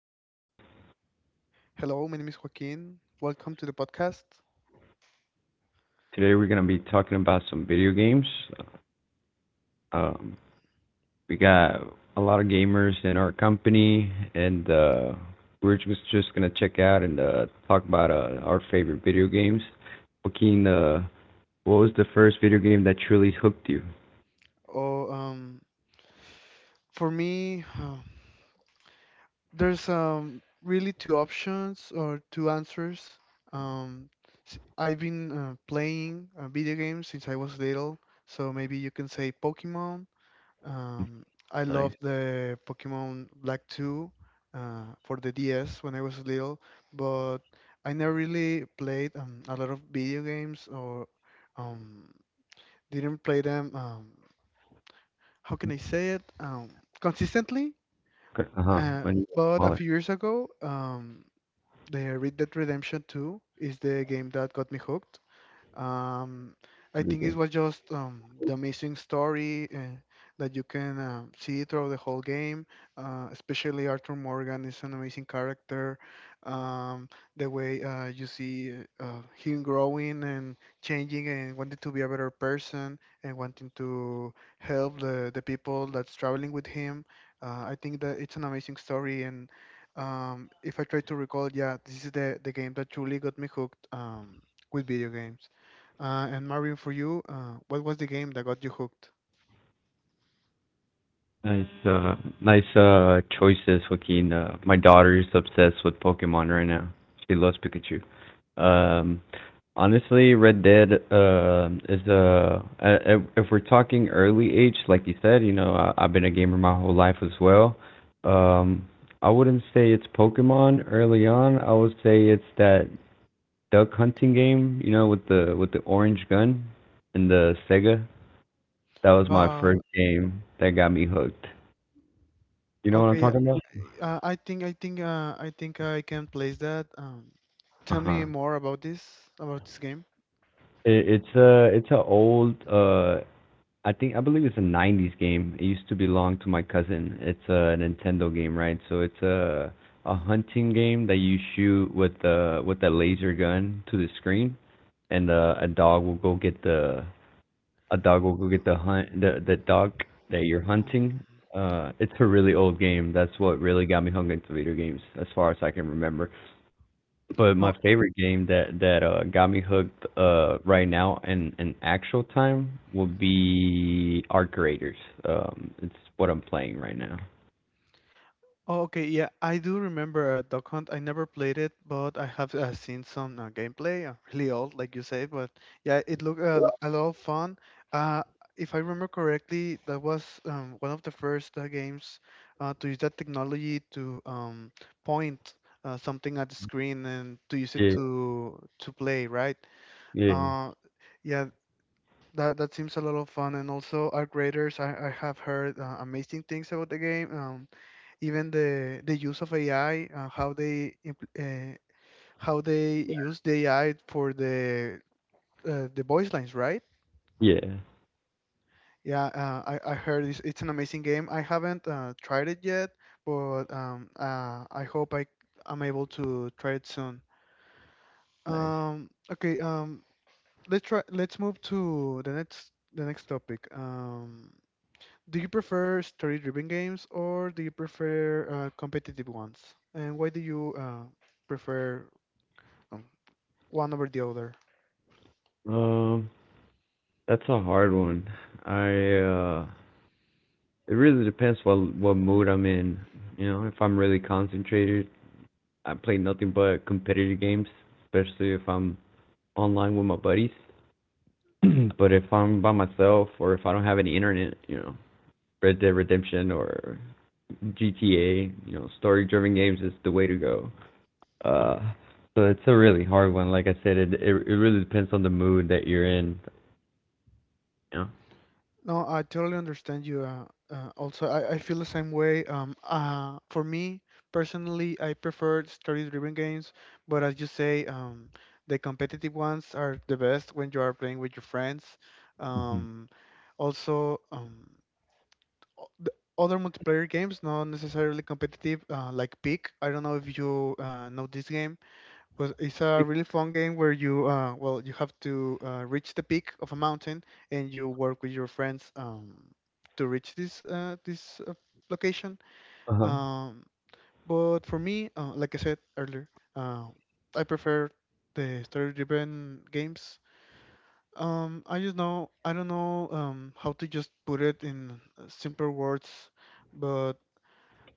Marvin. Hello, my name is Joaquin. Welcome to the podcast. Today we're going to be talking about some video games. Um, we got a lot of gamers in our company, and we're just going to check out and talk about our favorite video games. Joaquin, what was the first video game that truly hooked you? Oh, um, for me, uh, there's really two options or two answers. Um, I've been playing video games since I was little, so maybe you can say Pokemon. Um, I love Nice. the Pokemon Black 2 for the DS when I was little, but I never really played a lot of video games or. Um, Didn't play them. How can I say it? Consistently. Uh huh. Uh, When you were but a smaller, few years ago, the Red Dead Redemption 2 is the game that got me hooked. Um, I video think it game. was just the amazing story that you can see throughout the whole game. Especially Arthur Morgan is an amazing character. Um, the way you see him growing and changing and wanting to be a better person and wanting to help the people that's traveling with him. I think that it's an amazing story. And if I try to recall, yeah, this is the game that truly got me hooked with video games. And Mario, for you, what was the game that got you hooked? Nice, Mm. Nice choices, Joaquin. My daughter is obsessed with Pokemon right now. She loves Pikachu. Um, Honestly, Red Dead is a, if we're talking early age, like you said, you know, I've been a gamer my whole life as well. Um, I wouldn't say it's Pokemon early on. I would say it's that duck hunting game, you know, with the orange gun and the Sega. That was my Uh, first game that got me hooked. You know what I'm okay, talking about? I think I think I think I can place that. Tell Uh-huh. me more about this game. It's a it's a old I believe it's a '90s game. It used to belong to my cousin. It's a Nintendo game, right? So it's a hunting game that you shoot with the laser gun to the screen, and a dog will go get the hunt the dog that you're Um, hunting. It's a really old game. That's what really got me hung into video games, as far as I can remember. But my No, favorite game that got me hooked right now in actual time will be Art Creators. It's what I'm playing right now. Oh, okay, yeah, I do remember Duck Hunt. I never played it, but I have seen some gameplay, really old, like you say. But yeah, it looked a lot of fun. Uh, if I remember correctly, that was one of the first games to use that technology to point something at the screen and to use it Yeah, to play, right? yeah, Uh, yeah, that that seems a lot of fun. And also, our graders, I have heard amazing things about the game. Even the use of AI and how they uh, how they use the AI for the voice lines, right? yeah. Yeah, I heard it's an amazing game. I haven't tried it yet, but I hope I am able to try it soon. Nice. Um, okay, um, let's try let's move to the next topic. Do you prefer story-driven games or do you prefer competitive ones? And why do you prefer? Um, One over the other. Um, that's a hard one. I it really depends what mood I'm in. You know, if I'm really concentrated, I play nothing but competitive games, especially if I'm online with my buddies. But if I'm by myself or if I don't have any internet, you know, Red Dead Redemption or GTA, you know, story-driven games is the way to go. Uh, so it's a really hard one. Like I said, it really depends on the mood that you're in. You know? No, I totally understand you. Also, I feel the same way. For me personally, I prefer story-driven games, but as you say, the competitive ones are the best when you are playing with your friends. Mhm. Um, also, um, the other multiplayer games, not necessarily competitive, like Peak. I don't know if you know this game. Because it's a really fun game where you have to reach the peak of a mountain and you work with your friends to reach this location. Uh-huh. Um, but for me, like I said earlier, uh, I prefer the story-driven games. I don't know how to just put it in simpler words, but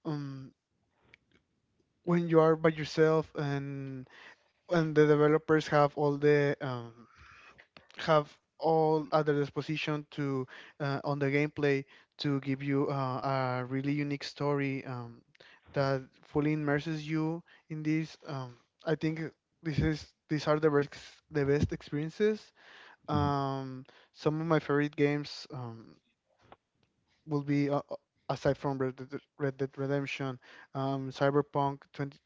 um, when you are by yourself and the developers have all the have all other disposition to on the gameplay to give you a really unique story that fully immerses you in this. I think this is these are the best experiences. Um, some of my favorite games will be aside from Red Dead Redemption, Cyberpunk twenty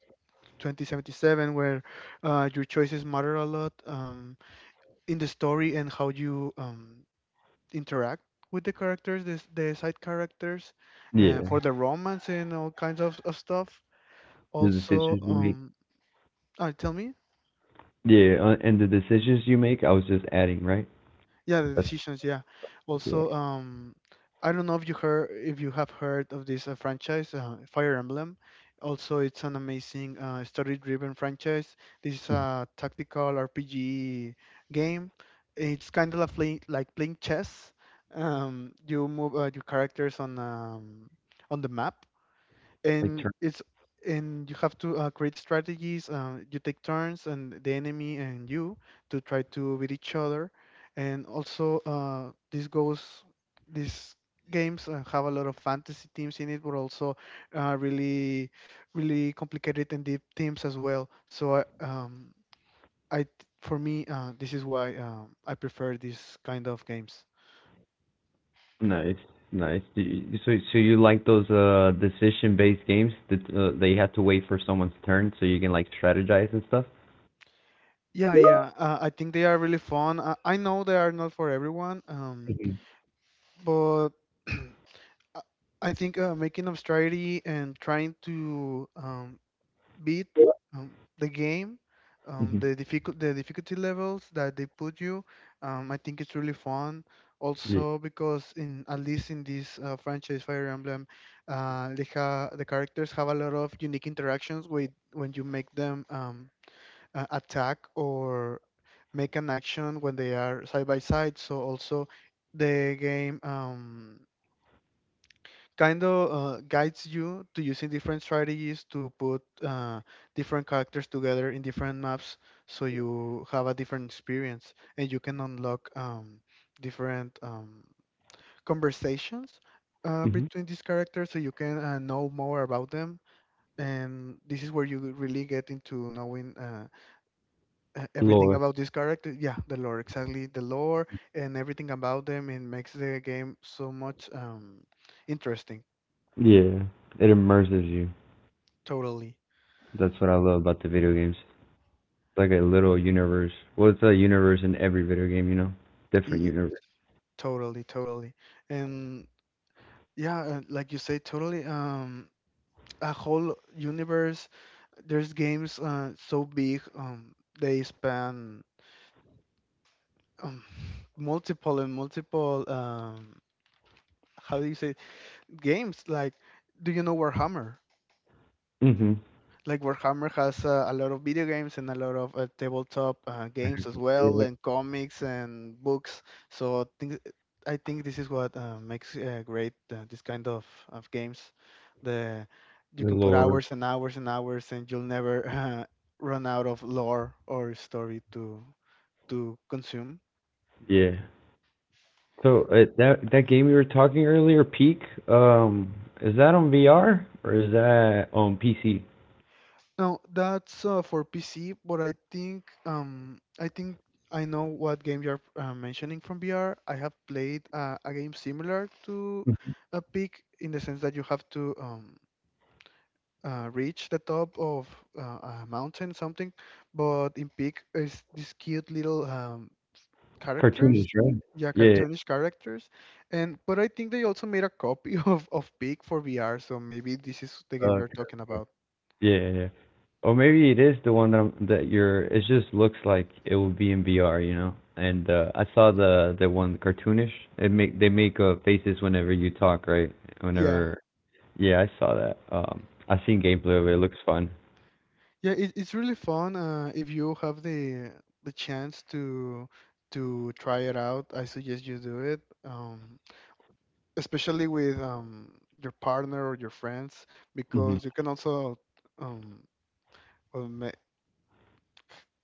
twenty seventy seven, where your choices matter a lot in the story and how you interact with the characters, the side characters, and Yeah, for the romance and all kinds of stuff. the Also, decisions you make. um, uh, tell me, Yeah, and the decisions you make, I was just adding, right? yeah, the That's decisions, yeah. yeah, Also, um, I don't know if you heard if you have heard of this franchise, Fire Emblem. Also, it's an amazing story-driven franchise. This is a tactical RPG game. It's kind of like playing chess. You move your characters on the map like and turn. it's and you have to create strategies you take turns and the enemy and you to try to beat each other and also this goes these games have a lot of fantasy teams in it but also uh, really really complicated and deep teams as well so I th- for me this is why I prefer these kind of games. Nice, nice. Do you- So so you like those decision-based games that they have to wait for someone's turn so you can like strategize and stuff? Yeah, I think they are really fun. I know they are not for everyone. Mm-hmm. But I I think making strategy and trying to beat um, the game, Mm-hmm. The difficulty levels that they put you, I think it's really fun. Yeah. Also, because in at least in this franchise Fire Emblem, the characters have a lot of unique interactions with when you make them attack or make an action when they are side by side. So also, the game. Kind of guides you to using different strategies to put different characters together in different maps so you have a different experience and you can unlock different conversations Mm-hmm. between these characters so you can know more about them, and this is where you really get into knowing everything about this character. Yeah, the lore, exactly, the lore and everything about them, and makes the game so much interesting. Yeah, it immerses you. Totally. That's what I love about the video games. It's like a little universe. Well, it's a universe in every video game, you know? Different universe. Totally, totally. And yeah, like you say, totally a whole universe. There's games so big they span um multiple and multiple how do you say games like do you know Warhammer? Mhm. Like Warhammer has a lot of video games and a lot of tabletop games as well, Yeah, and comics and books. So things, I think this is what makes great this kind of games. The You the can put lore. hours and hours and hours, and you'll never run out of lore or story to consume. Yeah. So that game we were talking earlier, Peak, um, is that on VR or is that on PC? No, that's for PC, but I think I know what game you're mentioning from VR. I have played a game similar to Mhm. a peak in the sense that you have to reach the top of a mountain something, but in peak is these cute little characters, Cartoonish, right? yeah, Yeah. cartoonish characters, and but I think they also made a copy of peak for VR, so maybe this is the game Uh, you're talking about. yeah. Or maybe it is the one that that you're. It just looks like it will be in VR, you know. And I saw the one cartoonish. It make they make faces whenever you talk, right? Yeah. Whenever. Yeah, I saw that. I seen gameplay of it. It looks fun. Yeah, it's really fun if you have the chance to try it out. I suggest you do it, especially with your partner or your friends, Hmm. because you can also um, well, ma-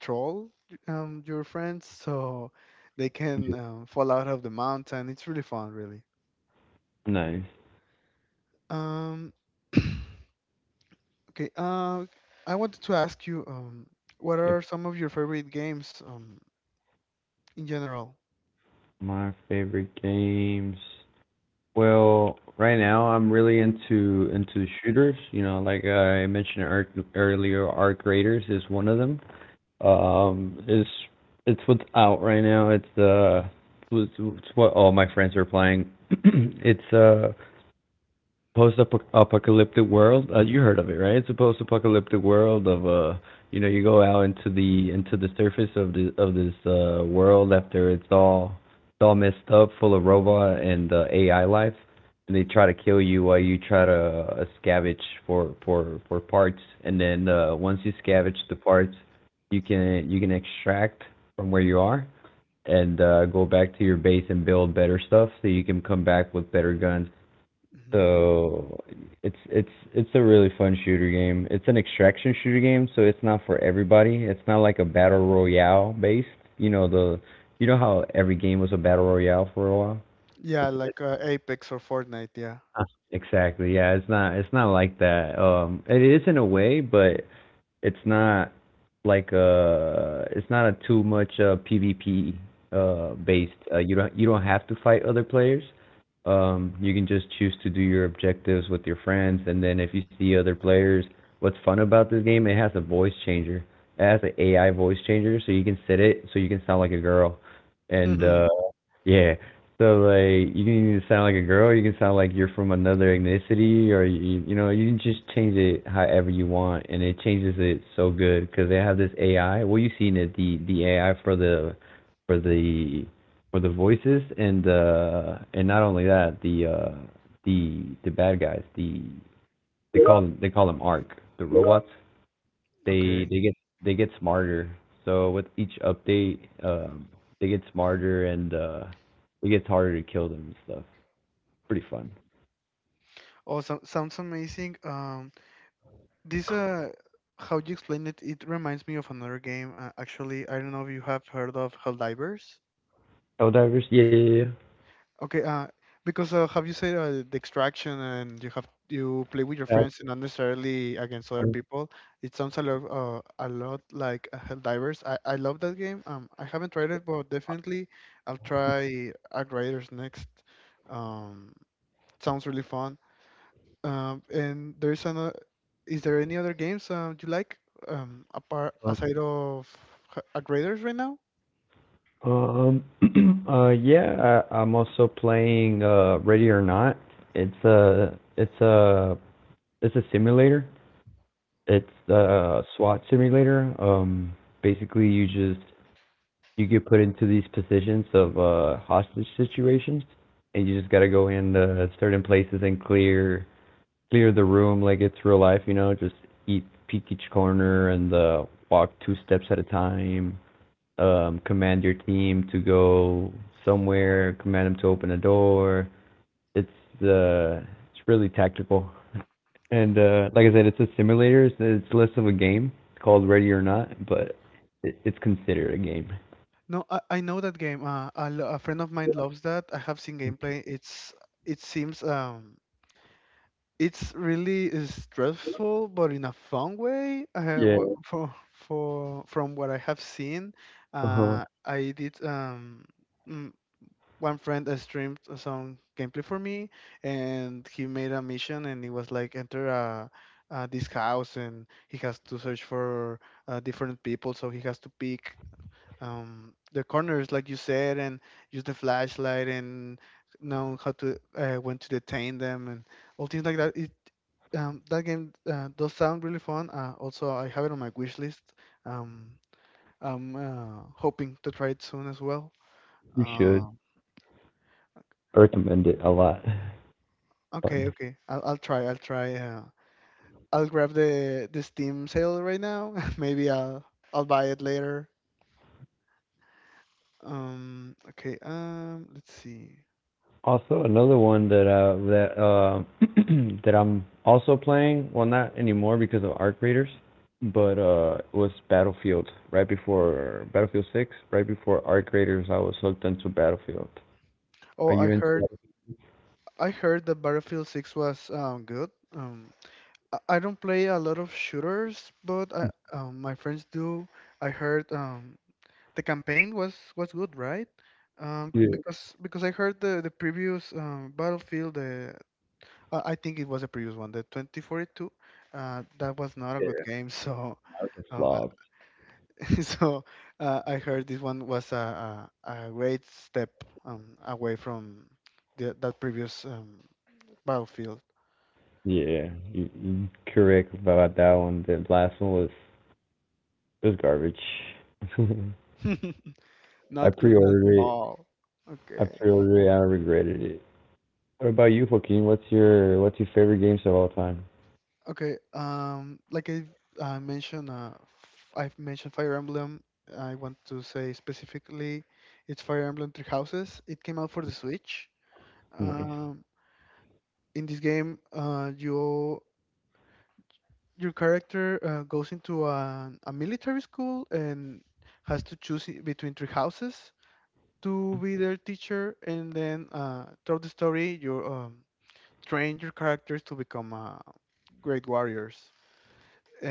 troll your friends so they can Yeah. Fall out of the mountain. It's really fun, really. Nice. Um, okay, I wanted to ask you, what Yeah. are some of your favorite games in general? My favorite games. Well, right now I'm really into shooters. You know, like I mentioned earlier, Arc Raiders is one of them. Is it's what's out right now. It's, what all my friends are playing. It's post-apocalyptic world. You heard of it, right? It's a post-apocalyptic world of you know, you go out into the surface of the of this world after it's all messed up, full of robot and AI life, and they try to kill you while you try to scavenge for for parts, and then once you scavenge the parts, you can extract from where you are and go back to your base and build better stuff so you can come back with better guns so it's it's a really fun shooter game. It's an extraction shooter game, so it's not for everybody. It's not like a battle royale based. You know the how every game was a battle royale for a while. Yeah, It's like Apex or Fortnite, yeah. not- exactly, yeah. It's not like that. It is in a way, but it's not like a. it's not a too much PvP based. You don't have to fight other players. Um, you can just choose to do your objectives with your friends and then if you see other players, what's fun about this game, it has a voice changer. It has an AI voice changer so you can set it so you can sound like a girl. And yeah, so like you can either sound like a girl, or you can sound like you're from another ethnicity, or you know you can just change it however you want, and it changes it so good because they have this AI. Well, you've seen it, the AI for the for the for the voices, and not only that, the bad guys, they call them Arc, the robots Okay. they get smarter. So with each update, they get smarter and it gets harder to kill them and stuff. Pretty fun. Awesome. Sounds amazing. This How you explain it, it reminds me of another game. Actually, I don't know if you have heard of Helldivers. Oh, divers. Yeah. Okay. Because Have you said the extraction and you play with your That's friends and not necessarily against other fun. people. It sounds a lot like Helldivers. I love that game. I haven't tried it, but definitely I'll try Outriders next. Um, Sounds really fun. And there's another. Is there any other games you like, apart aside of a graders right now? Yeah, I'm also playing Ready or Not. It's a it's a it's a simulator. It's a SWAT simulator. Basically, you get put into these positions of hostage situations and you just gotta go in certain places and clear the room like it's real life, you know, just eat peek each corner and walk two steps at a time, command your team to go somewhere, command them to open a door. It's uh it's really tactical. And like I said, it's a simulator, it's less of a game. It's called Ready or Not, but it's considered a game. No, I know that game. A friend of mine loves that. I have seen gameplay. It seems it's really stressful, but in a fun way. Wha- Yeah. For From what I have seen, Uh huh. uh, I did um. mm, one friend streamed some gameplay for me and he made a mission and it was like enter this house and he has to search for different people so he has to pick the corners like you said and use the flashlight and know how to when to detain them and all things like that it that game does sound really fun. Also, I have it on my wish list. Um, I'm Hoping to try it soon as well. You should Um, recommend it a lot. Okay, Fun. okay. I'll try. I'll try. I'll grab the Steam sale right now. Maybe I'll buy it later. Okay. Let's see. Also, another one that that I'm also playing. Well, not anymore because of arc raiders, but it was Battlefield right before Battlefield Six. Right before arc raiders, I was hooked into Battlefield. Are Oh, you into? Battlefield? I heard that Battlefield 6 was good. I don't play a lot of shooters, but I my friends do. I heard the campaign was good, right? Um. Yeah, Because because I heard the previous Battlefield the I think it was a previous one, the 2042. That was not a good yeah. game. That was a uh, I- flop. so I heard this one was a great step away from that previous battlefield. Yeah, you correct about that one. The last one was it was garbage. I Not good at pre-ordered it. all. I Okay. pre-ordered it. I regretted it. What about you, Joaquin? What's your favorite games of all time? Okay. I mentioned, I've mentioned Fire Emblem. I want to say specifically, it's Fire Emblem Three Houses. It came out for the Switch. Nice. Um, in this game, your character goes into a military school and has to between three houses to be their teacher, and then throughout the story, you train your characters to become great warriors.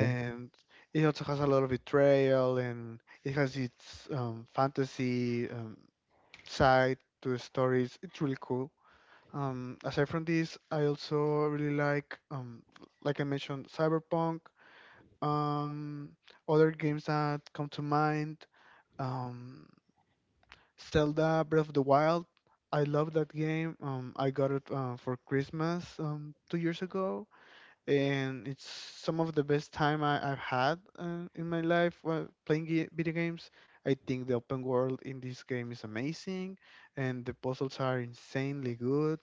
Okay. it also has a lot of betrayal, and it has its fantasy side to the stories. It's really cool. Aside from this, I also really like I mentioned, Cyberpunk. Um, other games that come to mind, um, Zelda Breath of the Wild. I love that game. I got it for Christmas 2 years ago, and it's some of the best time I've had in my life while playing video games. I think the open world in this game is amazing, and the puzzles are insanely good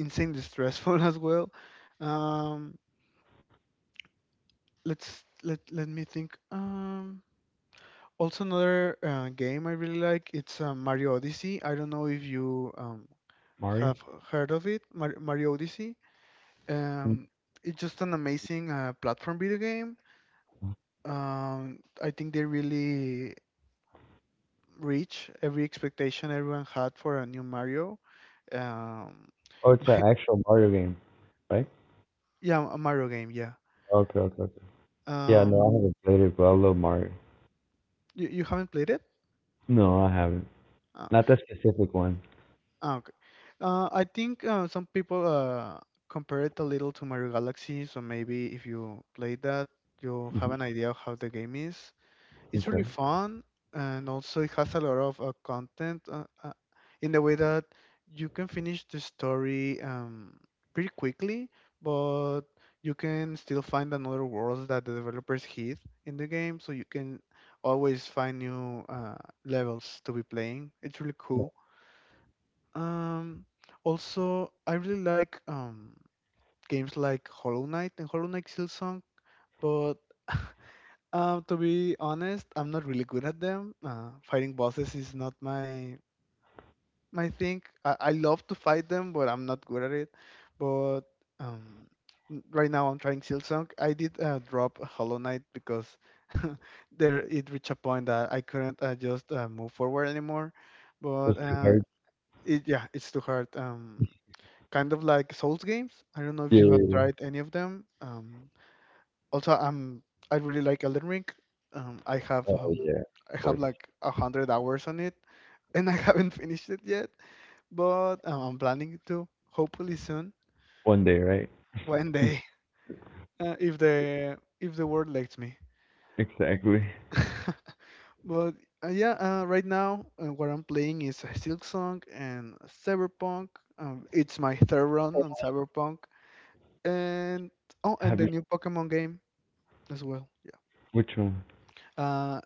insanely stressful as well. Um, let me think. Also another game I really like. It's Mario Odyssey. I don't know if you Mario? have heard of it. Mario Odyssey. Um, it's just an amazing platform video game. I think they really reach every expectation everyone had for a new Mario. Um, Oh, it's an actual Mario game, right? yeah, a Mario game. Yeah. Okay. Yeah, no, Um, I haven't played it, but I love Mario. You haven't played it? No, I haven't. Uh, Not that specific one. Ah, okay. I think some people compare it a little to Mario Galaxy, so maybe if you play that, you'll have Mhm. an idea of how the game is. It's Okay. really fun, and also it has a lot of content in the way that you can finish the story pretty quickly, but you can still find another worlds that the developers hid in the game, so you can always find new levels to be playing. It's really cool. Um, also, I really like games like Hollow Knight and Hollow Knight Silksong, but to be honest, I'm not really good at them. Fighting bosses is not my thing. I love to fight them, but I'm not good at it. But um, right now, I'm trying Silksong. I did drop Hollow Knight because there it reached a point that I couldn't just move forward anymore. That's But too hard. it yeah, it's too hard. Kind of like Souls games. I don't know if Yeah, you have yeah, yeah. tried any of them. Also, I really like Elden Ring. Um, I have Oh, um, yeah. I Of have course. like a hundred hours on it, and I haven't finished it yet. But I'm planning to, hopefully soon, One day, right? one day, if the if the world lets me. Exactly. But yeah, right now what I'm playing is Silksong and Cyberpunk. It's my third run on Cyberpunk, and oh, and Have you, the new Pokemon game. As well. Yeah. which one? Uh,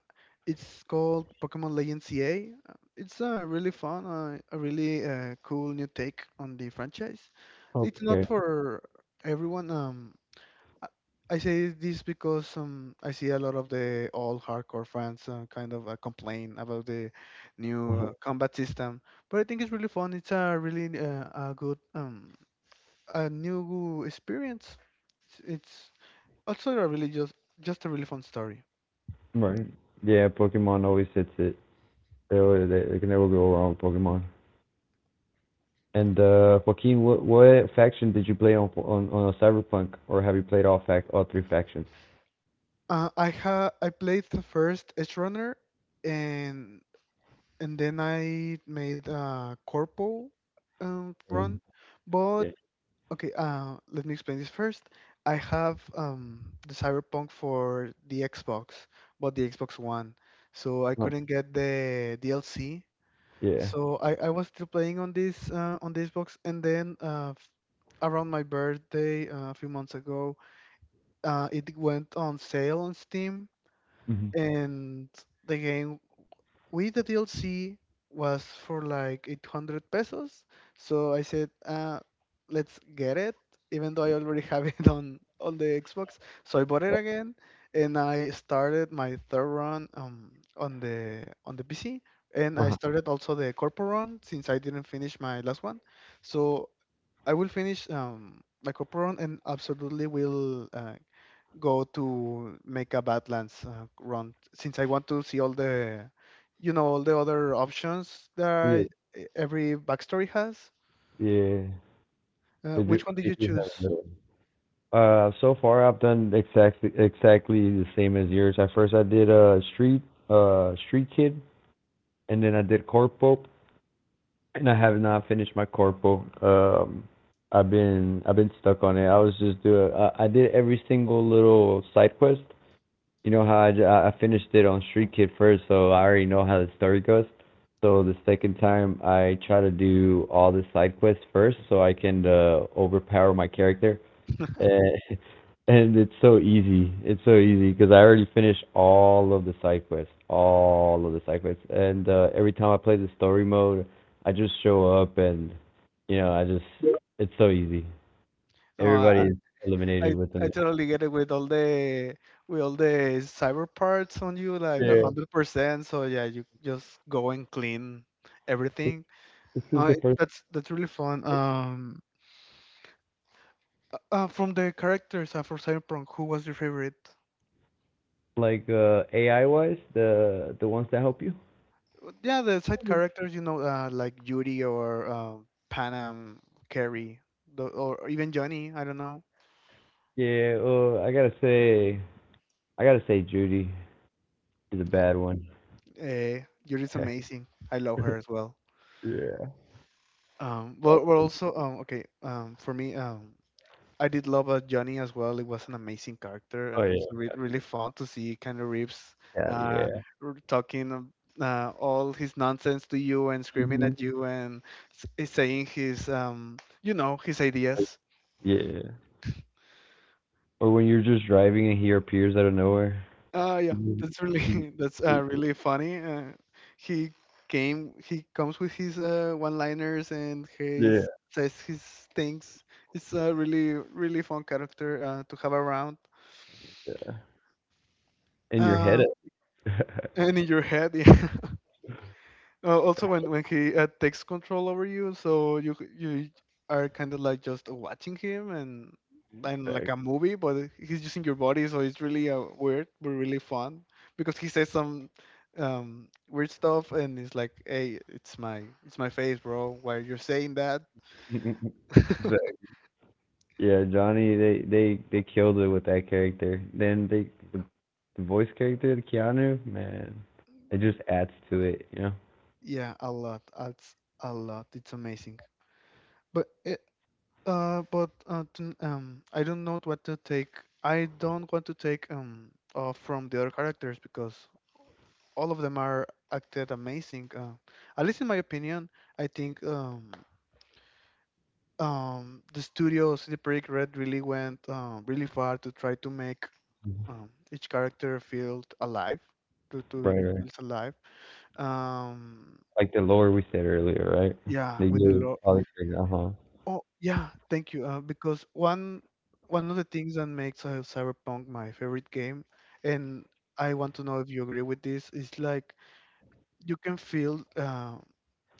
it's called Pokemon Legends CA. It's a really fun, a really cool new take on the franchise. It's not Okay. for everyone. I I say this because I see a lot of the old hardcore fans kind of complain about the new combat system, but I think it's really fun. It's a really a good a new experience. It's also a really just a really fun story. Right. Yeah, Pokemon always hits it. They can never go wrong with Pokemon. And Joaquin, what faction did you play on on Cyberpunk, or have you played all fac all three factions? I played the first Edge Runner, and and then I made a Corpo Mm. run. But Yeah. okay, let me explain this first. I have the Cyberpunk for the Xbox, but the Xbox One, so I Huh. couldn't get the DLC. Yeah. So I was still playing on this box, and then around my birthday a few months ago, it went on sale on Steam Hmm. and the game with the DLC was for like 800 pesos. So I said, let's get it, even though I already have it on the Xbox. So I bought it again, and I started my third run on the PC, and I Uh-huh. started also the corporate run since I didn't finish my last one. So I will finish my corporate run and absolutely will go to make a Badlands run since I want to see all the, you know, all the other options Yeah. that every backstory has. Yeah. They do. Which one did They you do have a choose? little. So far I've done exactly the same as yours. At first I did street kid, and then I did corpo, and I have not finished my corpo. I've been stuck on it. I was just doing. I did every single little side quest, you know how I finished it on Street Kid first, so I already know how the story goes. So the second time I try to do all the side quests first, so I can overpower my character. And, and it's so easy. It's so easy because I already finished all of the side quests, and every time I play the story mode, I just show up, and you know, I just it's so easy. No, Everybody I, is I eliminated with I them. totally get it with all the cyber parts on you, like a Yeah, hundred percent. So yeah, you just go and clean everything. this is No, the it, first. That's really fun. From the characters for Cyberpunk, who was your favorite? Like AI wise, the ones that help you? But yeah, the side characters, you know, like Yuri or Panam, Carrie, or even Johnny. I don't know. Yeah, I gotta say, Judy is a Yeah, bad one. Yuri's amazing. I love her as well. Yeah. Got But we're to. also okay. For me, I did love Johnny as well. It was an amazing character Oh and yeah, also gotcha. really fun to see kind of Reeves Got to. Yeah, uh, yeah. Talking all his nonsense to you and screaming Mhm. at you and saying his you know, his Like, ideas yeah. Or when you're just driving and he appears out of nowhere. Yeah, Mhm. that's really Y- that's y- really funny. He he comes with his one-liners and he Yeah. says his things. It's a really fun character to have around. In your head. Uh, and in your head, yeah. Also, when he takes control over you, so you are kind of like just watching him and like Exactly. a movie, but he's using your body, so it's really weird but really fun because he says some weird stuff and it's like, "Hey, it's my face, bro. Why you're saying that?" Exactly. Yeah, Johnny, they killed it with that character. Then the voice character, Keanu, man, it just adds to it, you know. Yeah, a lot. That's a lot. It's amazing. But uh, I don't know what to take. I don't want to take off from the other characters because all of them are acted amazing. At least in my opinion, I think the studio CD Projekt Red really went really far to try to make each character feel alive, Right, to right. feel alive. Um, Like the lore we said earlier, right? yeah, They with the gave law. all the characters, uh Oh yeah, thank you. Because one of the things that makes Cyberpunk my favorite game, and I want to know if you agree with this, is like you can feel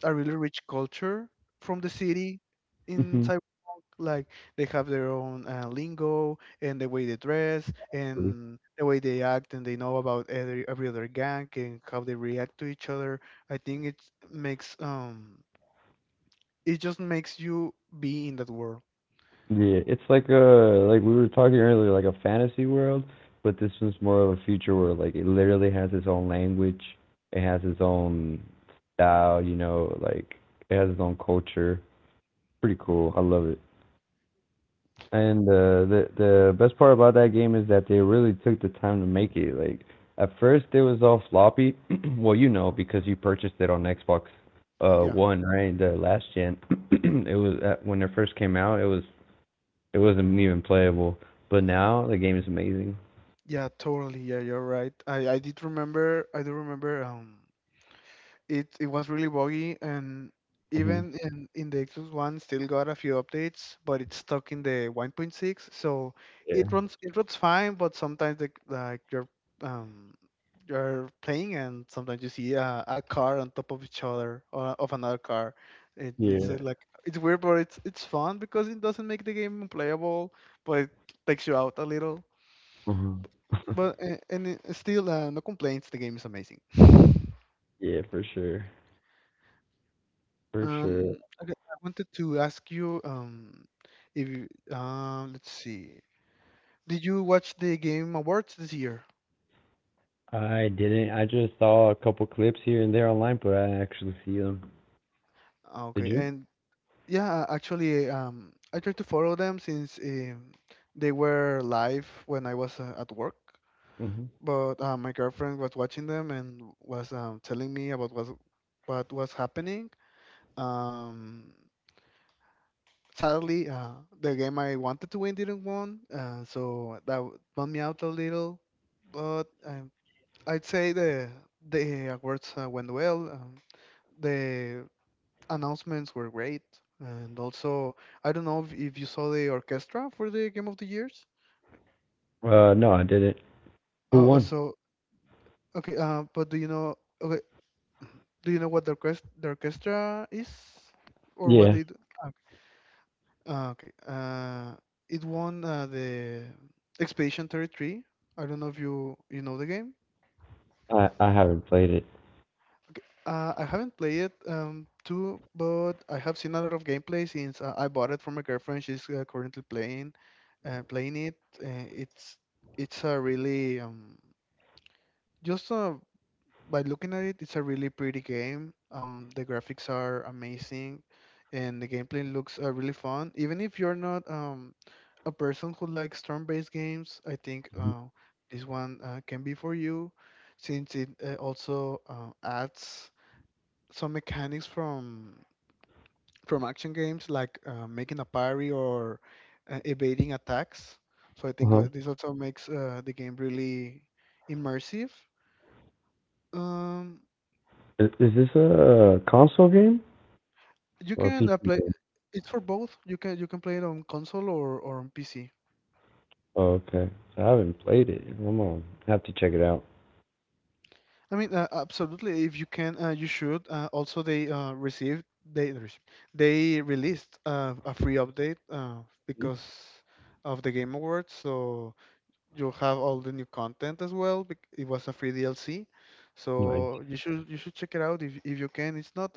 a really rich culture from the city huh. in Cyberpunk. Like they have their own lingo and the way they dress and the way they act, and they know about every other gang and how they react to each other. I think it makes it just makes you be in that world. Yeah, it's like a like we were talking earlier, like a fantasy world, but this one's more of a future world. Like it literally has its own language, it has its own style, you know, like it has its own culture. Pretty cool. I love it. And the best part about that game is that they really took the time to make it. Like at first it was all floppy. Well, you know because you purchased it on Xbox Yeah. One, right? The last gen. It was when it first came out. It was it wasn't even playable. But now the game is amazing. Yeah, totally. Yeah, you're right. I did remember. I do remember. It was really buggy, and Hmm. even in the Xbox One, still got a few updates, but it's stuck in the 1.6. So Yeah. It runs fine, but sometimes like um you're playing, and sometimes you see a car on top of each other or of another car. It, it's Yeah. like it's weird, but it's fun because it doesn't make the game unplayable, but it takes you out a little. Hmm. But a- and it- Still, no complaints. The game is amazing. Yeah, for sure, for sure. Okay, I wanted to ask you, if you, let's see, did you watch the Game Awards this year? I didn't. I just saw a couple clips here and there online, but I didn't actually see them. Ah, Did okay, you? and yeah, actually, I tried to follow them since they were live when I was at work. Hmm. But my girlfriend was watching them and was telling me about what was happening. Um, sadly, the game I wanted to win didn't won, so that bummed me out a little. But I'd say the awards went well. The announcements were great, and also I don't know if you saw the orchestra for the Game of the Years. No, I didn't. Who Uh, uh, won? so okay, but do you know? Okay, do you know what the orchestra is, or what Yeah, they do? Okay. It won the Expedition 33. I don't know if you know the game. I haven't played it. Okay. I haven't played it too, but I have seen a lot of gameplay since I bought it from my girlfriend. She's currently playing playing it. It's a really just by looking at it, it's a really pretty game. The graphics are amazing, and the gameplay looks really fun. Even if you're not a person who likes turn-based games, I think this one can be for you, since it also adds some mechanics from action games like making a parry or evading attacks. So I think Uh-huh. This also makes the game really immersive. Um, Is this a console game you or a can PC play. game? It's for both. You can play it on console or on PC. Oh, okay. So I haven't played it. I'm gonna have to check it out. I mean, absolutely. If you can, you should. Also, they received they received- they released a free update Mhm. because of the Game Awards, so you'll have all the new content as well. It was a free DLC, Nice. so you should check it out if you can. It's not.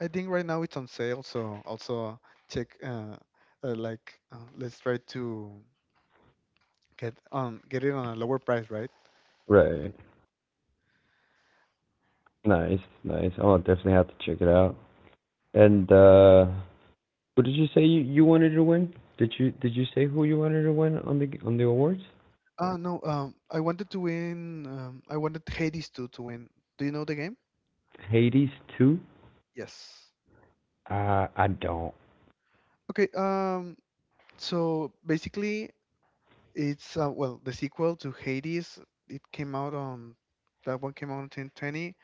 I think right now it's on sale, so also check. Let's try to get it on a lower price, right? Right. Nice, nice. I'll definitely have to check it out. And what did you say you wanted to win? Did you say who you wanted to win on the awards? Ah, no. I wanted to win. I wanted Hades to win. Do you know the game? Hades 2? Yes. Uh, I don't. Okay. So basically, it's well, the sequel to Hades. It came out on That one came out in 2020,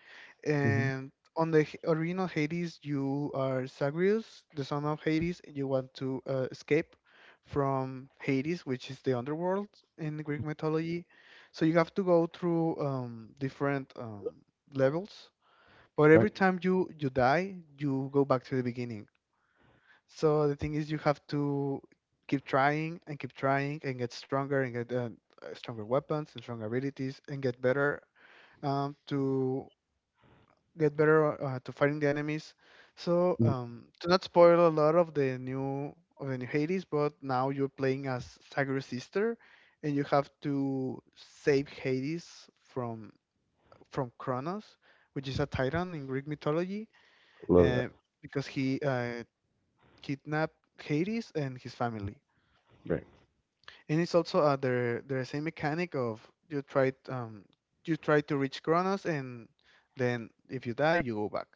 Hmm. and original Hades, you are Zagreus, the son of Hades, and you want to escape from Hades, which is the underworld in Greek mythology. So you have to go through different levels. But Right. every time you die, you go back to the beginning. So the thing is, you have to keep trying and get stronger weapons and stronger abilities and get better to get better to fighting the enemies. So to not spoil a lot of the new Hades, but now you're playing as Sagri's sister, and you have to save Hades from Kronos, which is a titan in Greek mythology, Love that. uh, because he kidnapped Hades and his family. Right. And it's also the same mechanic of you try um, you try to reach Kronos, and then if you die, you go back.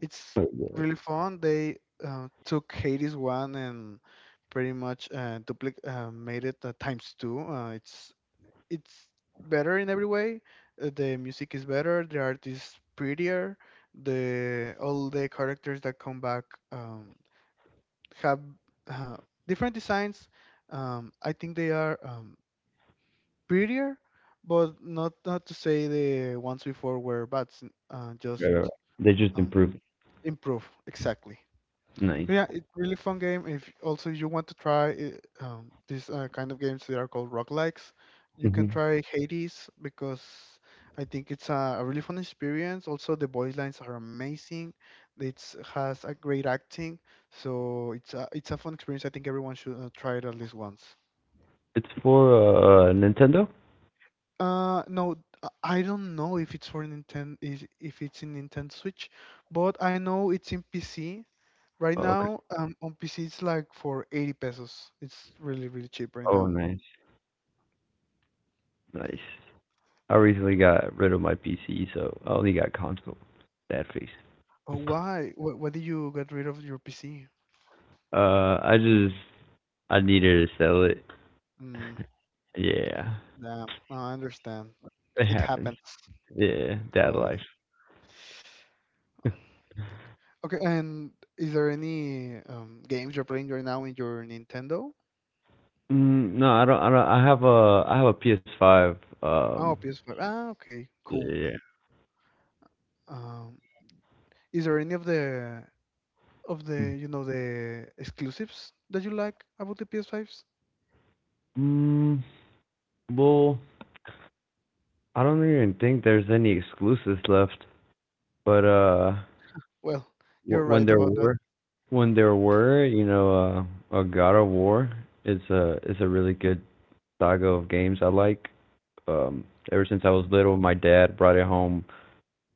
It's Oh, yeah. really fun. They took Hades one and pretty much made it times two. It's better in every way. The music is better. The art is prettier. The All the characters that come back um, have uh, different designs. I think they are prettier, but not not to say the ones before were bad. S- just Right, right, right. They just um, improved. Improve exactly. Nice. Yeah, it's really fun game. If also you want to try it, these kind of games that are called roguelikes, you Hmm. can try Hades because I think it's a really fun experience. Also, the voice lines are amazing. It has a great acting, so it's a fun experience. I think everyone should try it at least once. It's for Nintendo? No, I don't know if it's for Nintendo, if it's in Nintendo Switch, but I know it's in PC. Right Oh, okay. now, on PC it's like for 80 pesos. It's really, really cheap right Oh, now. nice. Nice. I recently got rid of my PC, so I only got console. Sad face. Oh, why? Why did you get rid of your PC? Uh, I just I needed to sell it. Mm, Yeah, damn, I understand. it It happens. happens Yeah, dad life. totally. mm, Okay, and is there any games you're playing right now in your Nintendo? no, I don't. I don't. I have a PS5. Um, Oh, PS5. Ah, okay, cool. yeah. Um, is there any of the you know the exclusives that you like about the PS5s? Mm, well, I don't even think there's any exclusives left. But Well, you're Wh- when right there about that. were when there were you know a God of War, it's a really good saga of games I like. Um, ever since I was little, my dad brought it home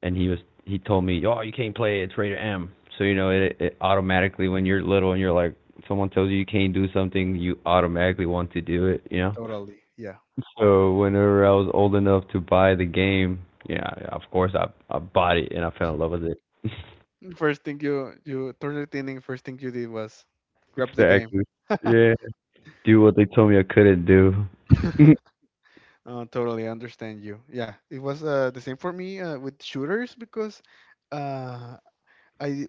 and he was he told me, "Oh, you can't play it. It's rated M." So you know it automatically when you're little and you're like someone tells you you can't do something, you automatically want to do it. You know. Totally, yeah. So whenever I was old enough to buy the game, yeah, of course I bought it and I fell in love with it. First thing you turn it, first thing you did was grab the game. Exactly. Yeah. Do what they told me I couldn't do. Like totally understand you. Yeah, it was the same for me with shooters because uh, I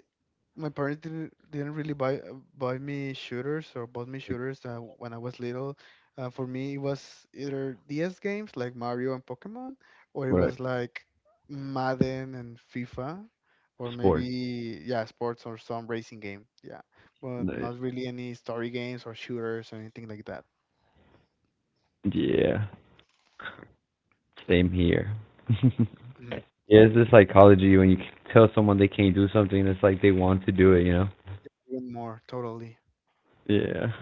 my parents didn't really buy buy me shooters or bought me shooters when I was little. For me, it was either DS games like Mario and Pokemon, or it what? was like Madden and FIFA, or Sports. maybe yeah, sports or some racing game. Yeah, but Nice. not really any story games or shooters or anything like that. Yeah. Same here. Mm. Yeah, it's the psychology when you tell someone they can't do something, it's like they want to do it, you know? Even more, totally. Yeah.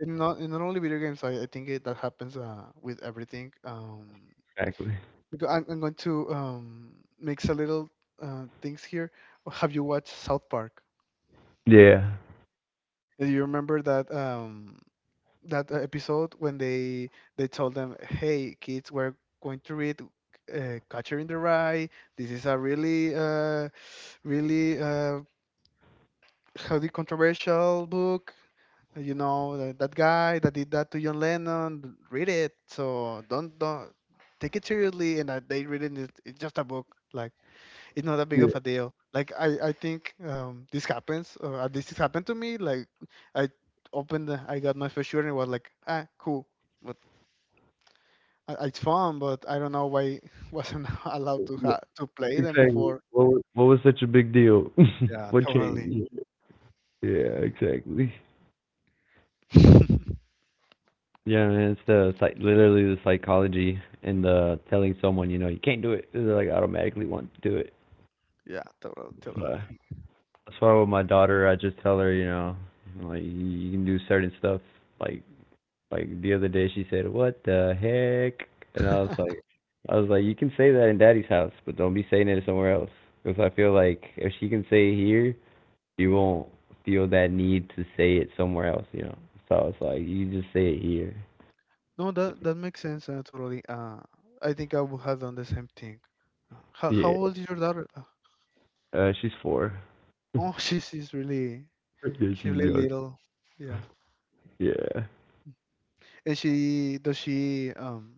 And not only video games. I think that happens with everything. Exactly. Because I'm going to mix a little things here. Have you watched South Park? Yeah. Do you remember that episode when they told them, "Hey kids, we're going to read Catcher in the Rye. This is a really, really uh, highly controversial book. You know that, that guy that did that to John Lennon. Read it. So don't take it seriously." And they read it. It's just a book. Like it's not that big Yeah. of a deal. Like I think this happens, or at least it happened to me. Like I opened, I got my first shooter and it was like, ah, cool, but it's fun. But I don't know why wasn't allowed to play them Exactly. before. What was such a big deal? Yeah, What totally. changed? Yeah, exactly. Yeah, man, it's the psych, literally the psychology and the telling someone, you know, you can't do it. They like automatically want to do it. Yeah, totally, totally. But That's why with my daughter, I just tell her, you know, like you can do certain stuff. Like like the other day, she said, "What the heck?" And I was like, you can say that in Daddy's house, but don't be saying it somewhere else. Because I feel like if she can say it here, you won't feel that need to say it somewhere else. You know. So I was like, you just say it here. No, that that makes sense. Totally. I think I would have done the same thing. How how Yeah. old is your daughter? She's four. Yeah, Oh, she's she's really young. little. Yeah. Yeah. And she,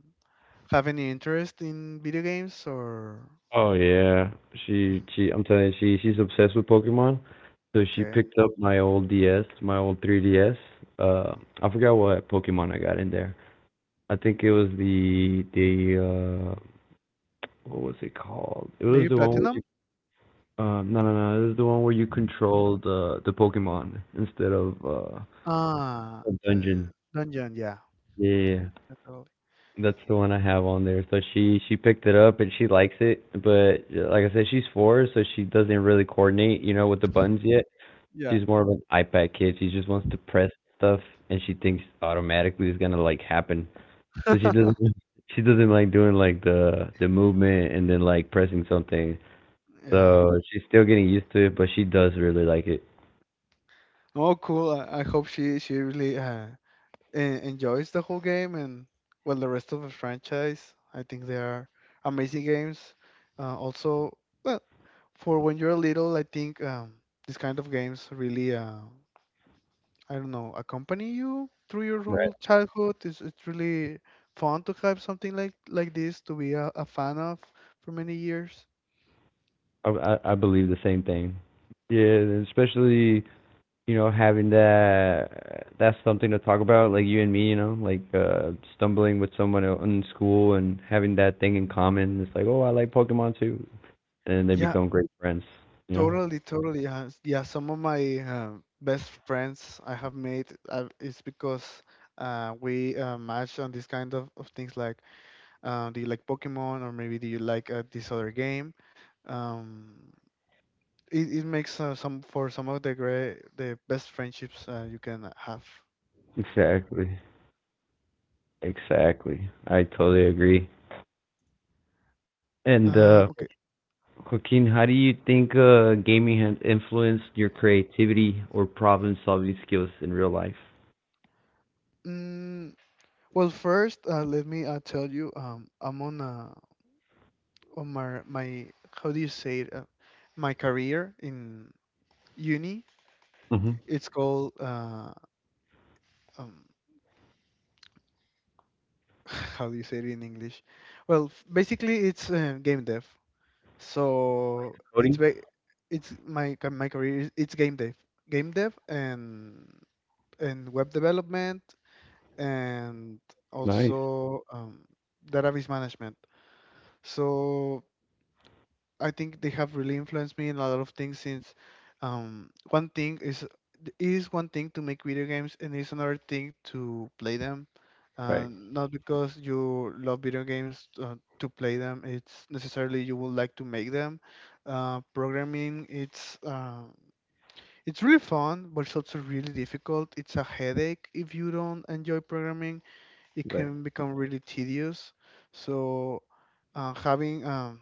have any interest in video games or Oh yeah, she I'm telling you, she's obsessed with Pokemon. So she okay, picked up my old DS, my old 3DS. Uh, I forgot what Pokemon I got in there. I think it was the what was it called? It was maybe the one where you, platinum? No no no, it was the one where you controlled the Pokemon instead of Ah, a dungeon. dungeon, yeah. Yeah. Yeah, totally. That's the one I have on there. So she picked it up and she likes it, but like I said, she's four, so she doesn't really coordinate, you know, with the buttons yet. Yeah. She's more of an iPad kid. She just wants to press stuff, and she thinks automatically it's gonna like happen. So she doesn't she doesn't like doing like the movement and then like pressing something. Yeah. So she's still getting used to it, but she does really like it. Oh, cool. I hope she really enjoys the whole game and well the rest of the franchise. I think they are amazing games. Also, well, for when you're little, I think these kind of games really, I don't know, accompany you through your whole Right. childhood. It's really fun to have something like this to be a fan of for many years. I believe the same thing. Yeah, and especially you know having that that's something to talk about like you and me you know like stumbling with someone in school and having that thing in common, it's like, oh, I like Pokemon too, and they Yeah, become great friends. Yeah, totally, totally. Yeah, some of my best friends I have made is because we match on this kind of things like do you like Pokemon or maybe do you like this other game? Um, it, it makes some of the best friendships you can have. exactly, exactly. I totally agree. And Okay. Joaquin, how do you think gaming has influenced your creativity or problem-solving skills in real life? Mm, well, first, let me tell you, I'm on my my how do you say it? My career in uni. Mm-hmm. It's called um, how do you say it in English? Well, basically, it's game dev. So it's Coding? ba- it's my ca- my career it's game dev, game dev, and and web development, and Nice. also database management. So. I think they have really influenced me in a lot of things since one thing is it is one thing to make video games and it's another thing to play them. Right. And not because you love video games to play them, it's necessarily you would like to make them. Programming, it's really fun, but it's also really difficult. It's a headache if you don't enjoy programming. It Right. can become really tedious. So having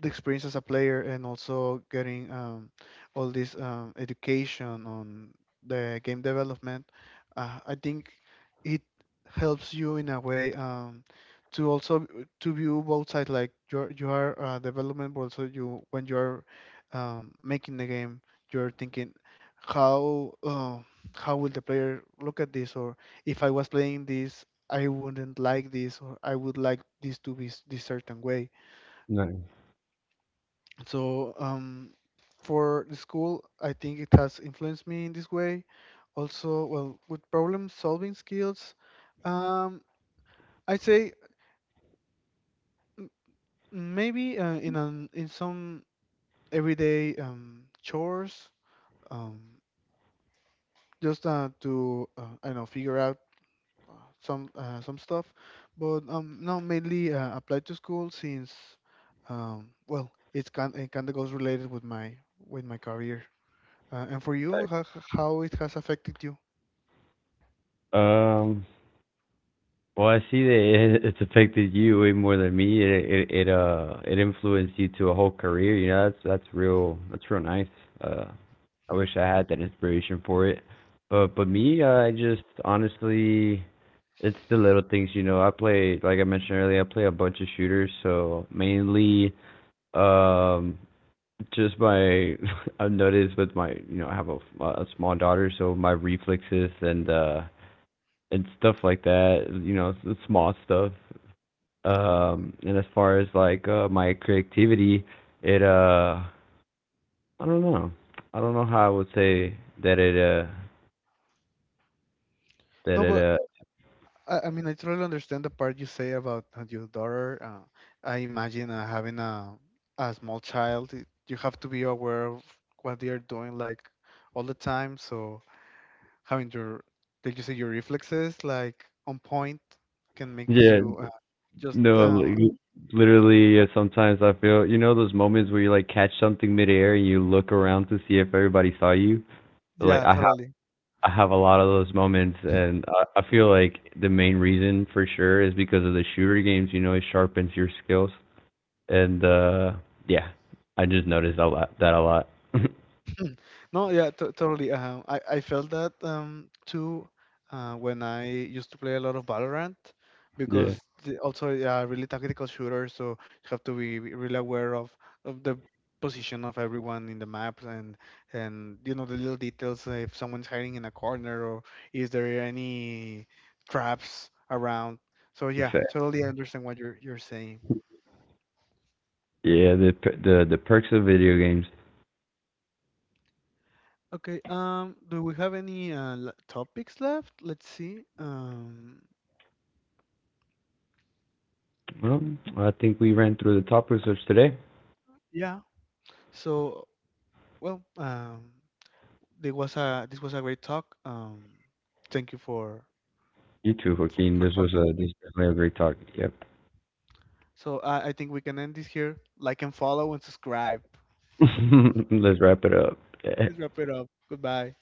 the experience as a player and also getting all this education on the game development, I think it helps you in a way to also to view both sides. Like you are development, but also you when you are making the game, you're thinking how uh, how will the player look at this, or if I was playing this, I wouldn't like this, or I would like this to be this certain way. Nice. So for the school, I think it has influenced me in this way. Also, well, with problem solving skills, um, I'd say maybe in some everyday chores, um, just to, I don't know, figure out uh, some stuff, but no, mainly applied to school since well, it kind of goes related with my career. And for Right. you, how it has affected you? Um, well, I see that it's affected you way more than me. It influenced you to a whole career. You know, that's that's real nice. Uh, I wish I had that inspiration for it. But me, I just honestly, it's the little things. You know, I play like I mentioned earlier. I play a bunch of shooters, so mainly um just my I've noticed with my, you know, I have a small daughter, so my reflexes and and stuff like that. You know, small stuff, and as far as like my creativity, it I don't know I don't know how I would say that it uh that No, it but I mean, I totally understand the part you say about your daughter. I imagine having a small child, you have to be aware of what they are doing like all the time. So having your, did you say your reflexes like on point can make yeah you just, no uh, li- literally sometimes I feel, you know, those moments where you like catch something midair and you look around to see if everybody saw you. Like yeah, i have totally. i have a lot of those moments, and I feel like the main reason for sure is because of the shooter games, you know, it sharpens your skills. And yeah, I just noticed a lot that a lot. No, yeah, t totally. I I felt that too when I used to play a lot of Valorant because Yeah. Also yeah, really tactical shooter, so you have to be really aware of the position of everyone in the map and you know the little details, if someone's hiding in a corner or is there any traps around. So yeah, Exactly. totally I understand what you're saying. Yeah, the the perks of video games. Okay, do we have any topics left? Let's see. Well, I think we ran through the top research today. Yeah. So, well, it was a this was a great talk. Thank you You too, Joaquin. for This was talking a with me. this was definitely a great talk. Yep. So I think we can end this here. Like and follow and subscribe. Let's wrap it up. Let's wrap it up. Goodbye.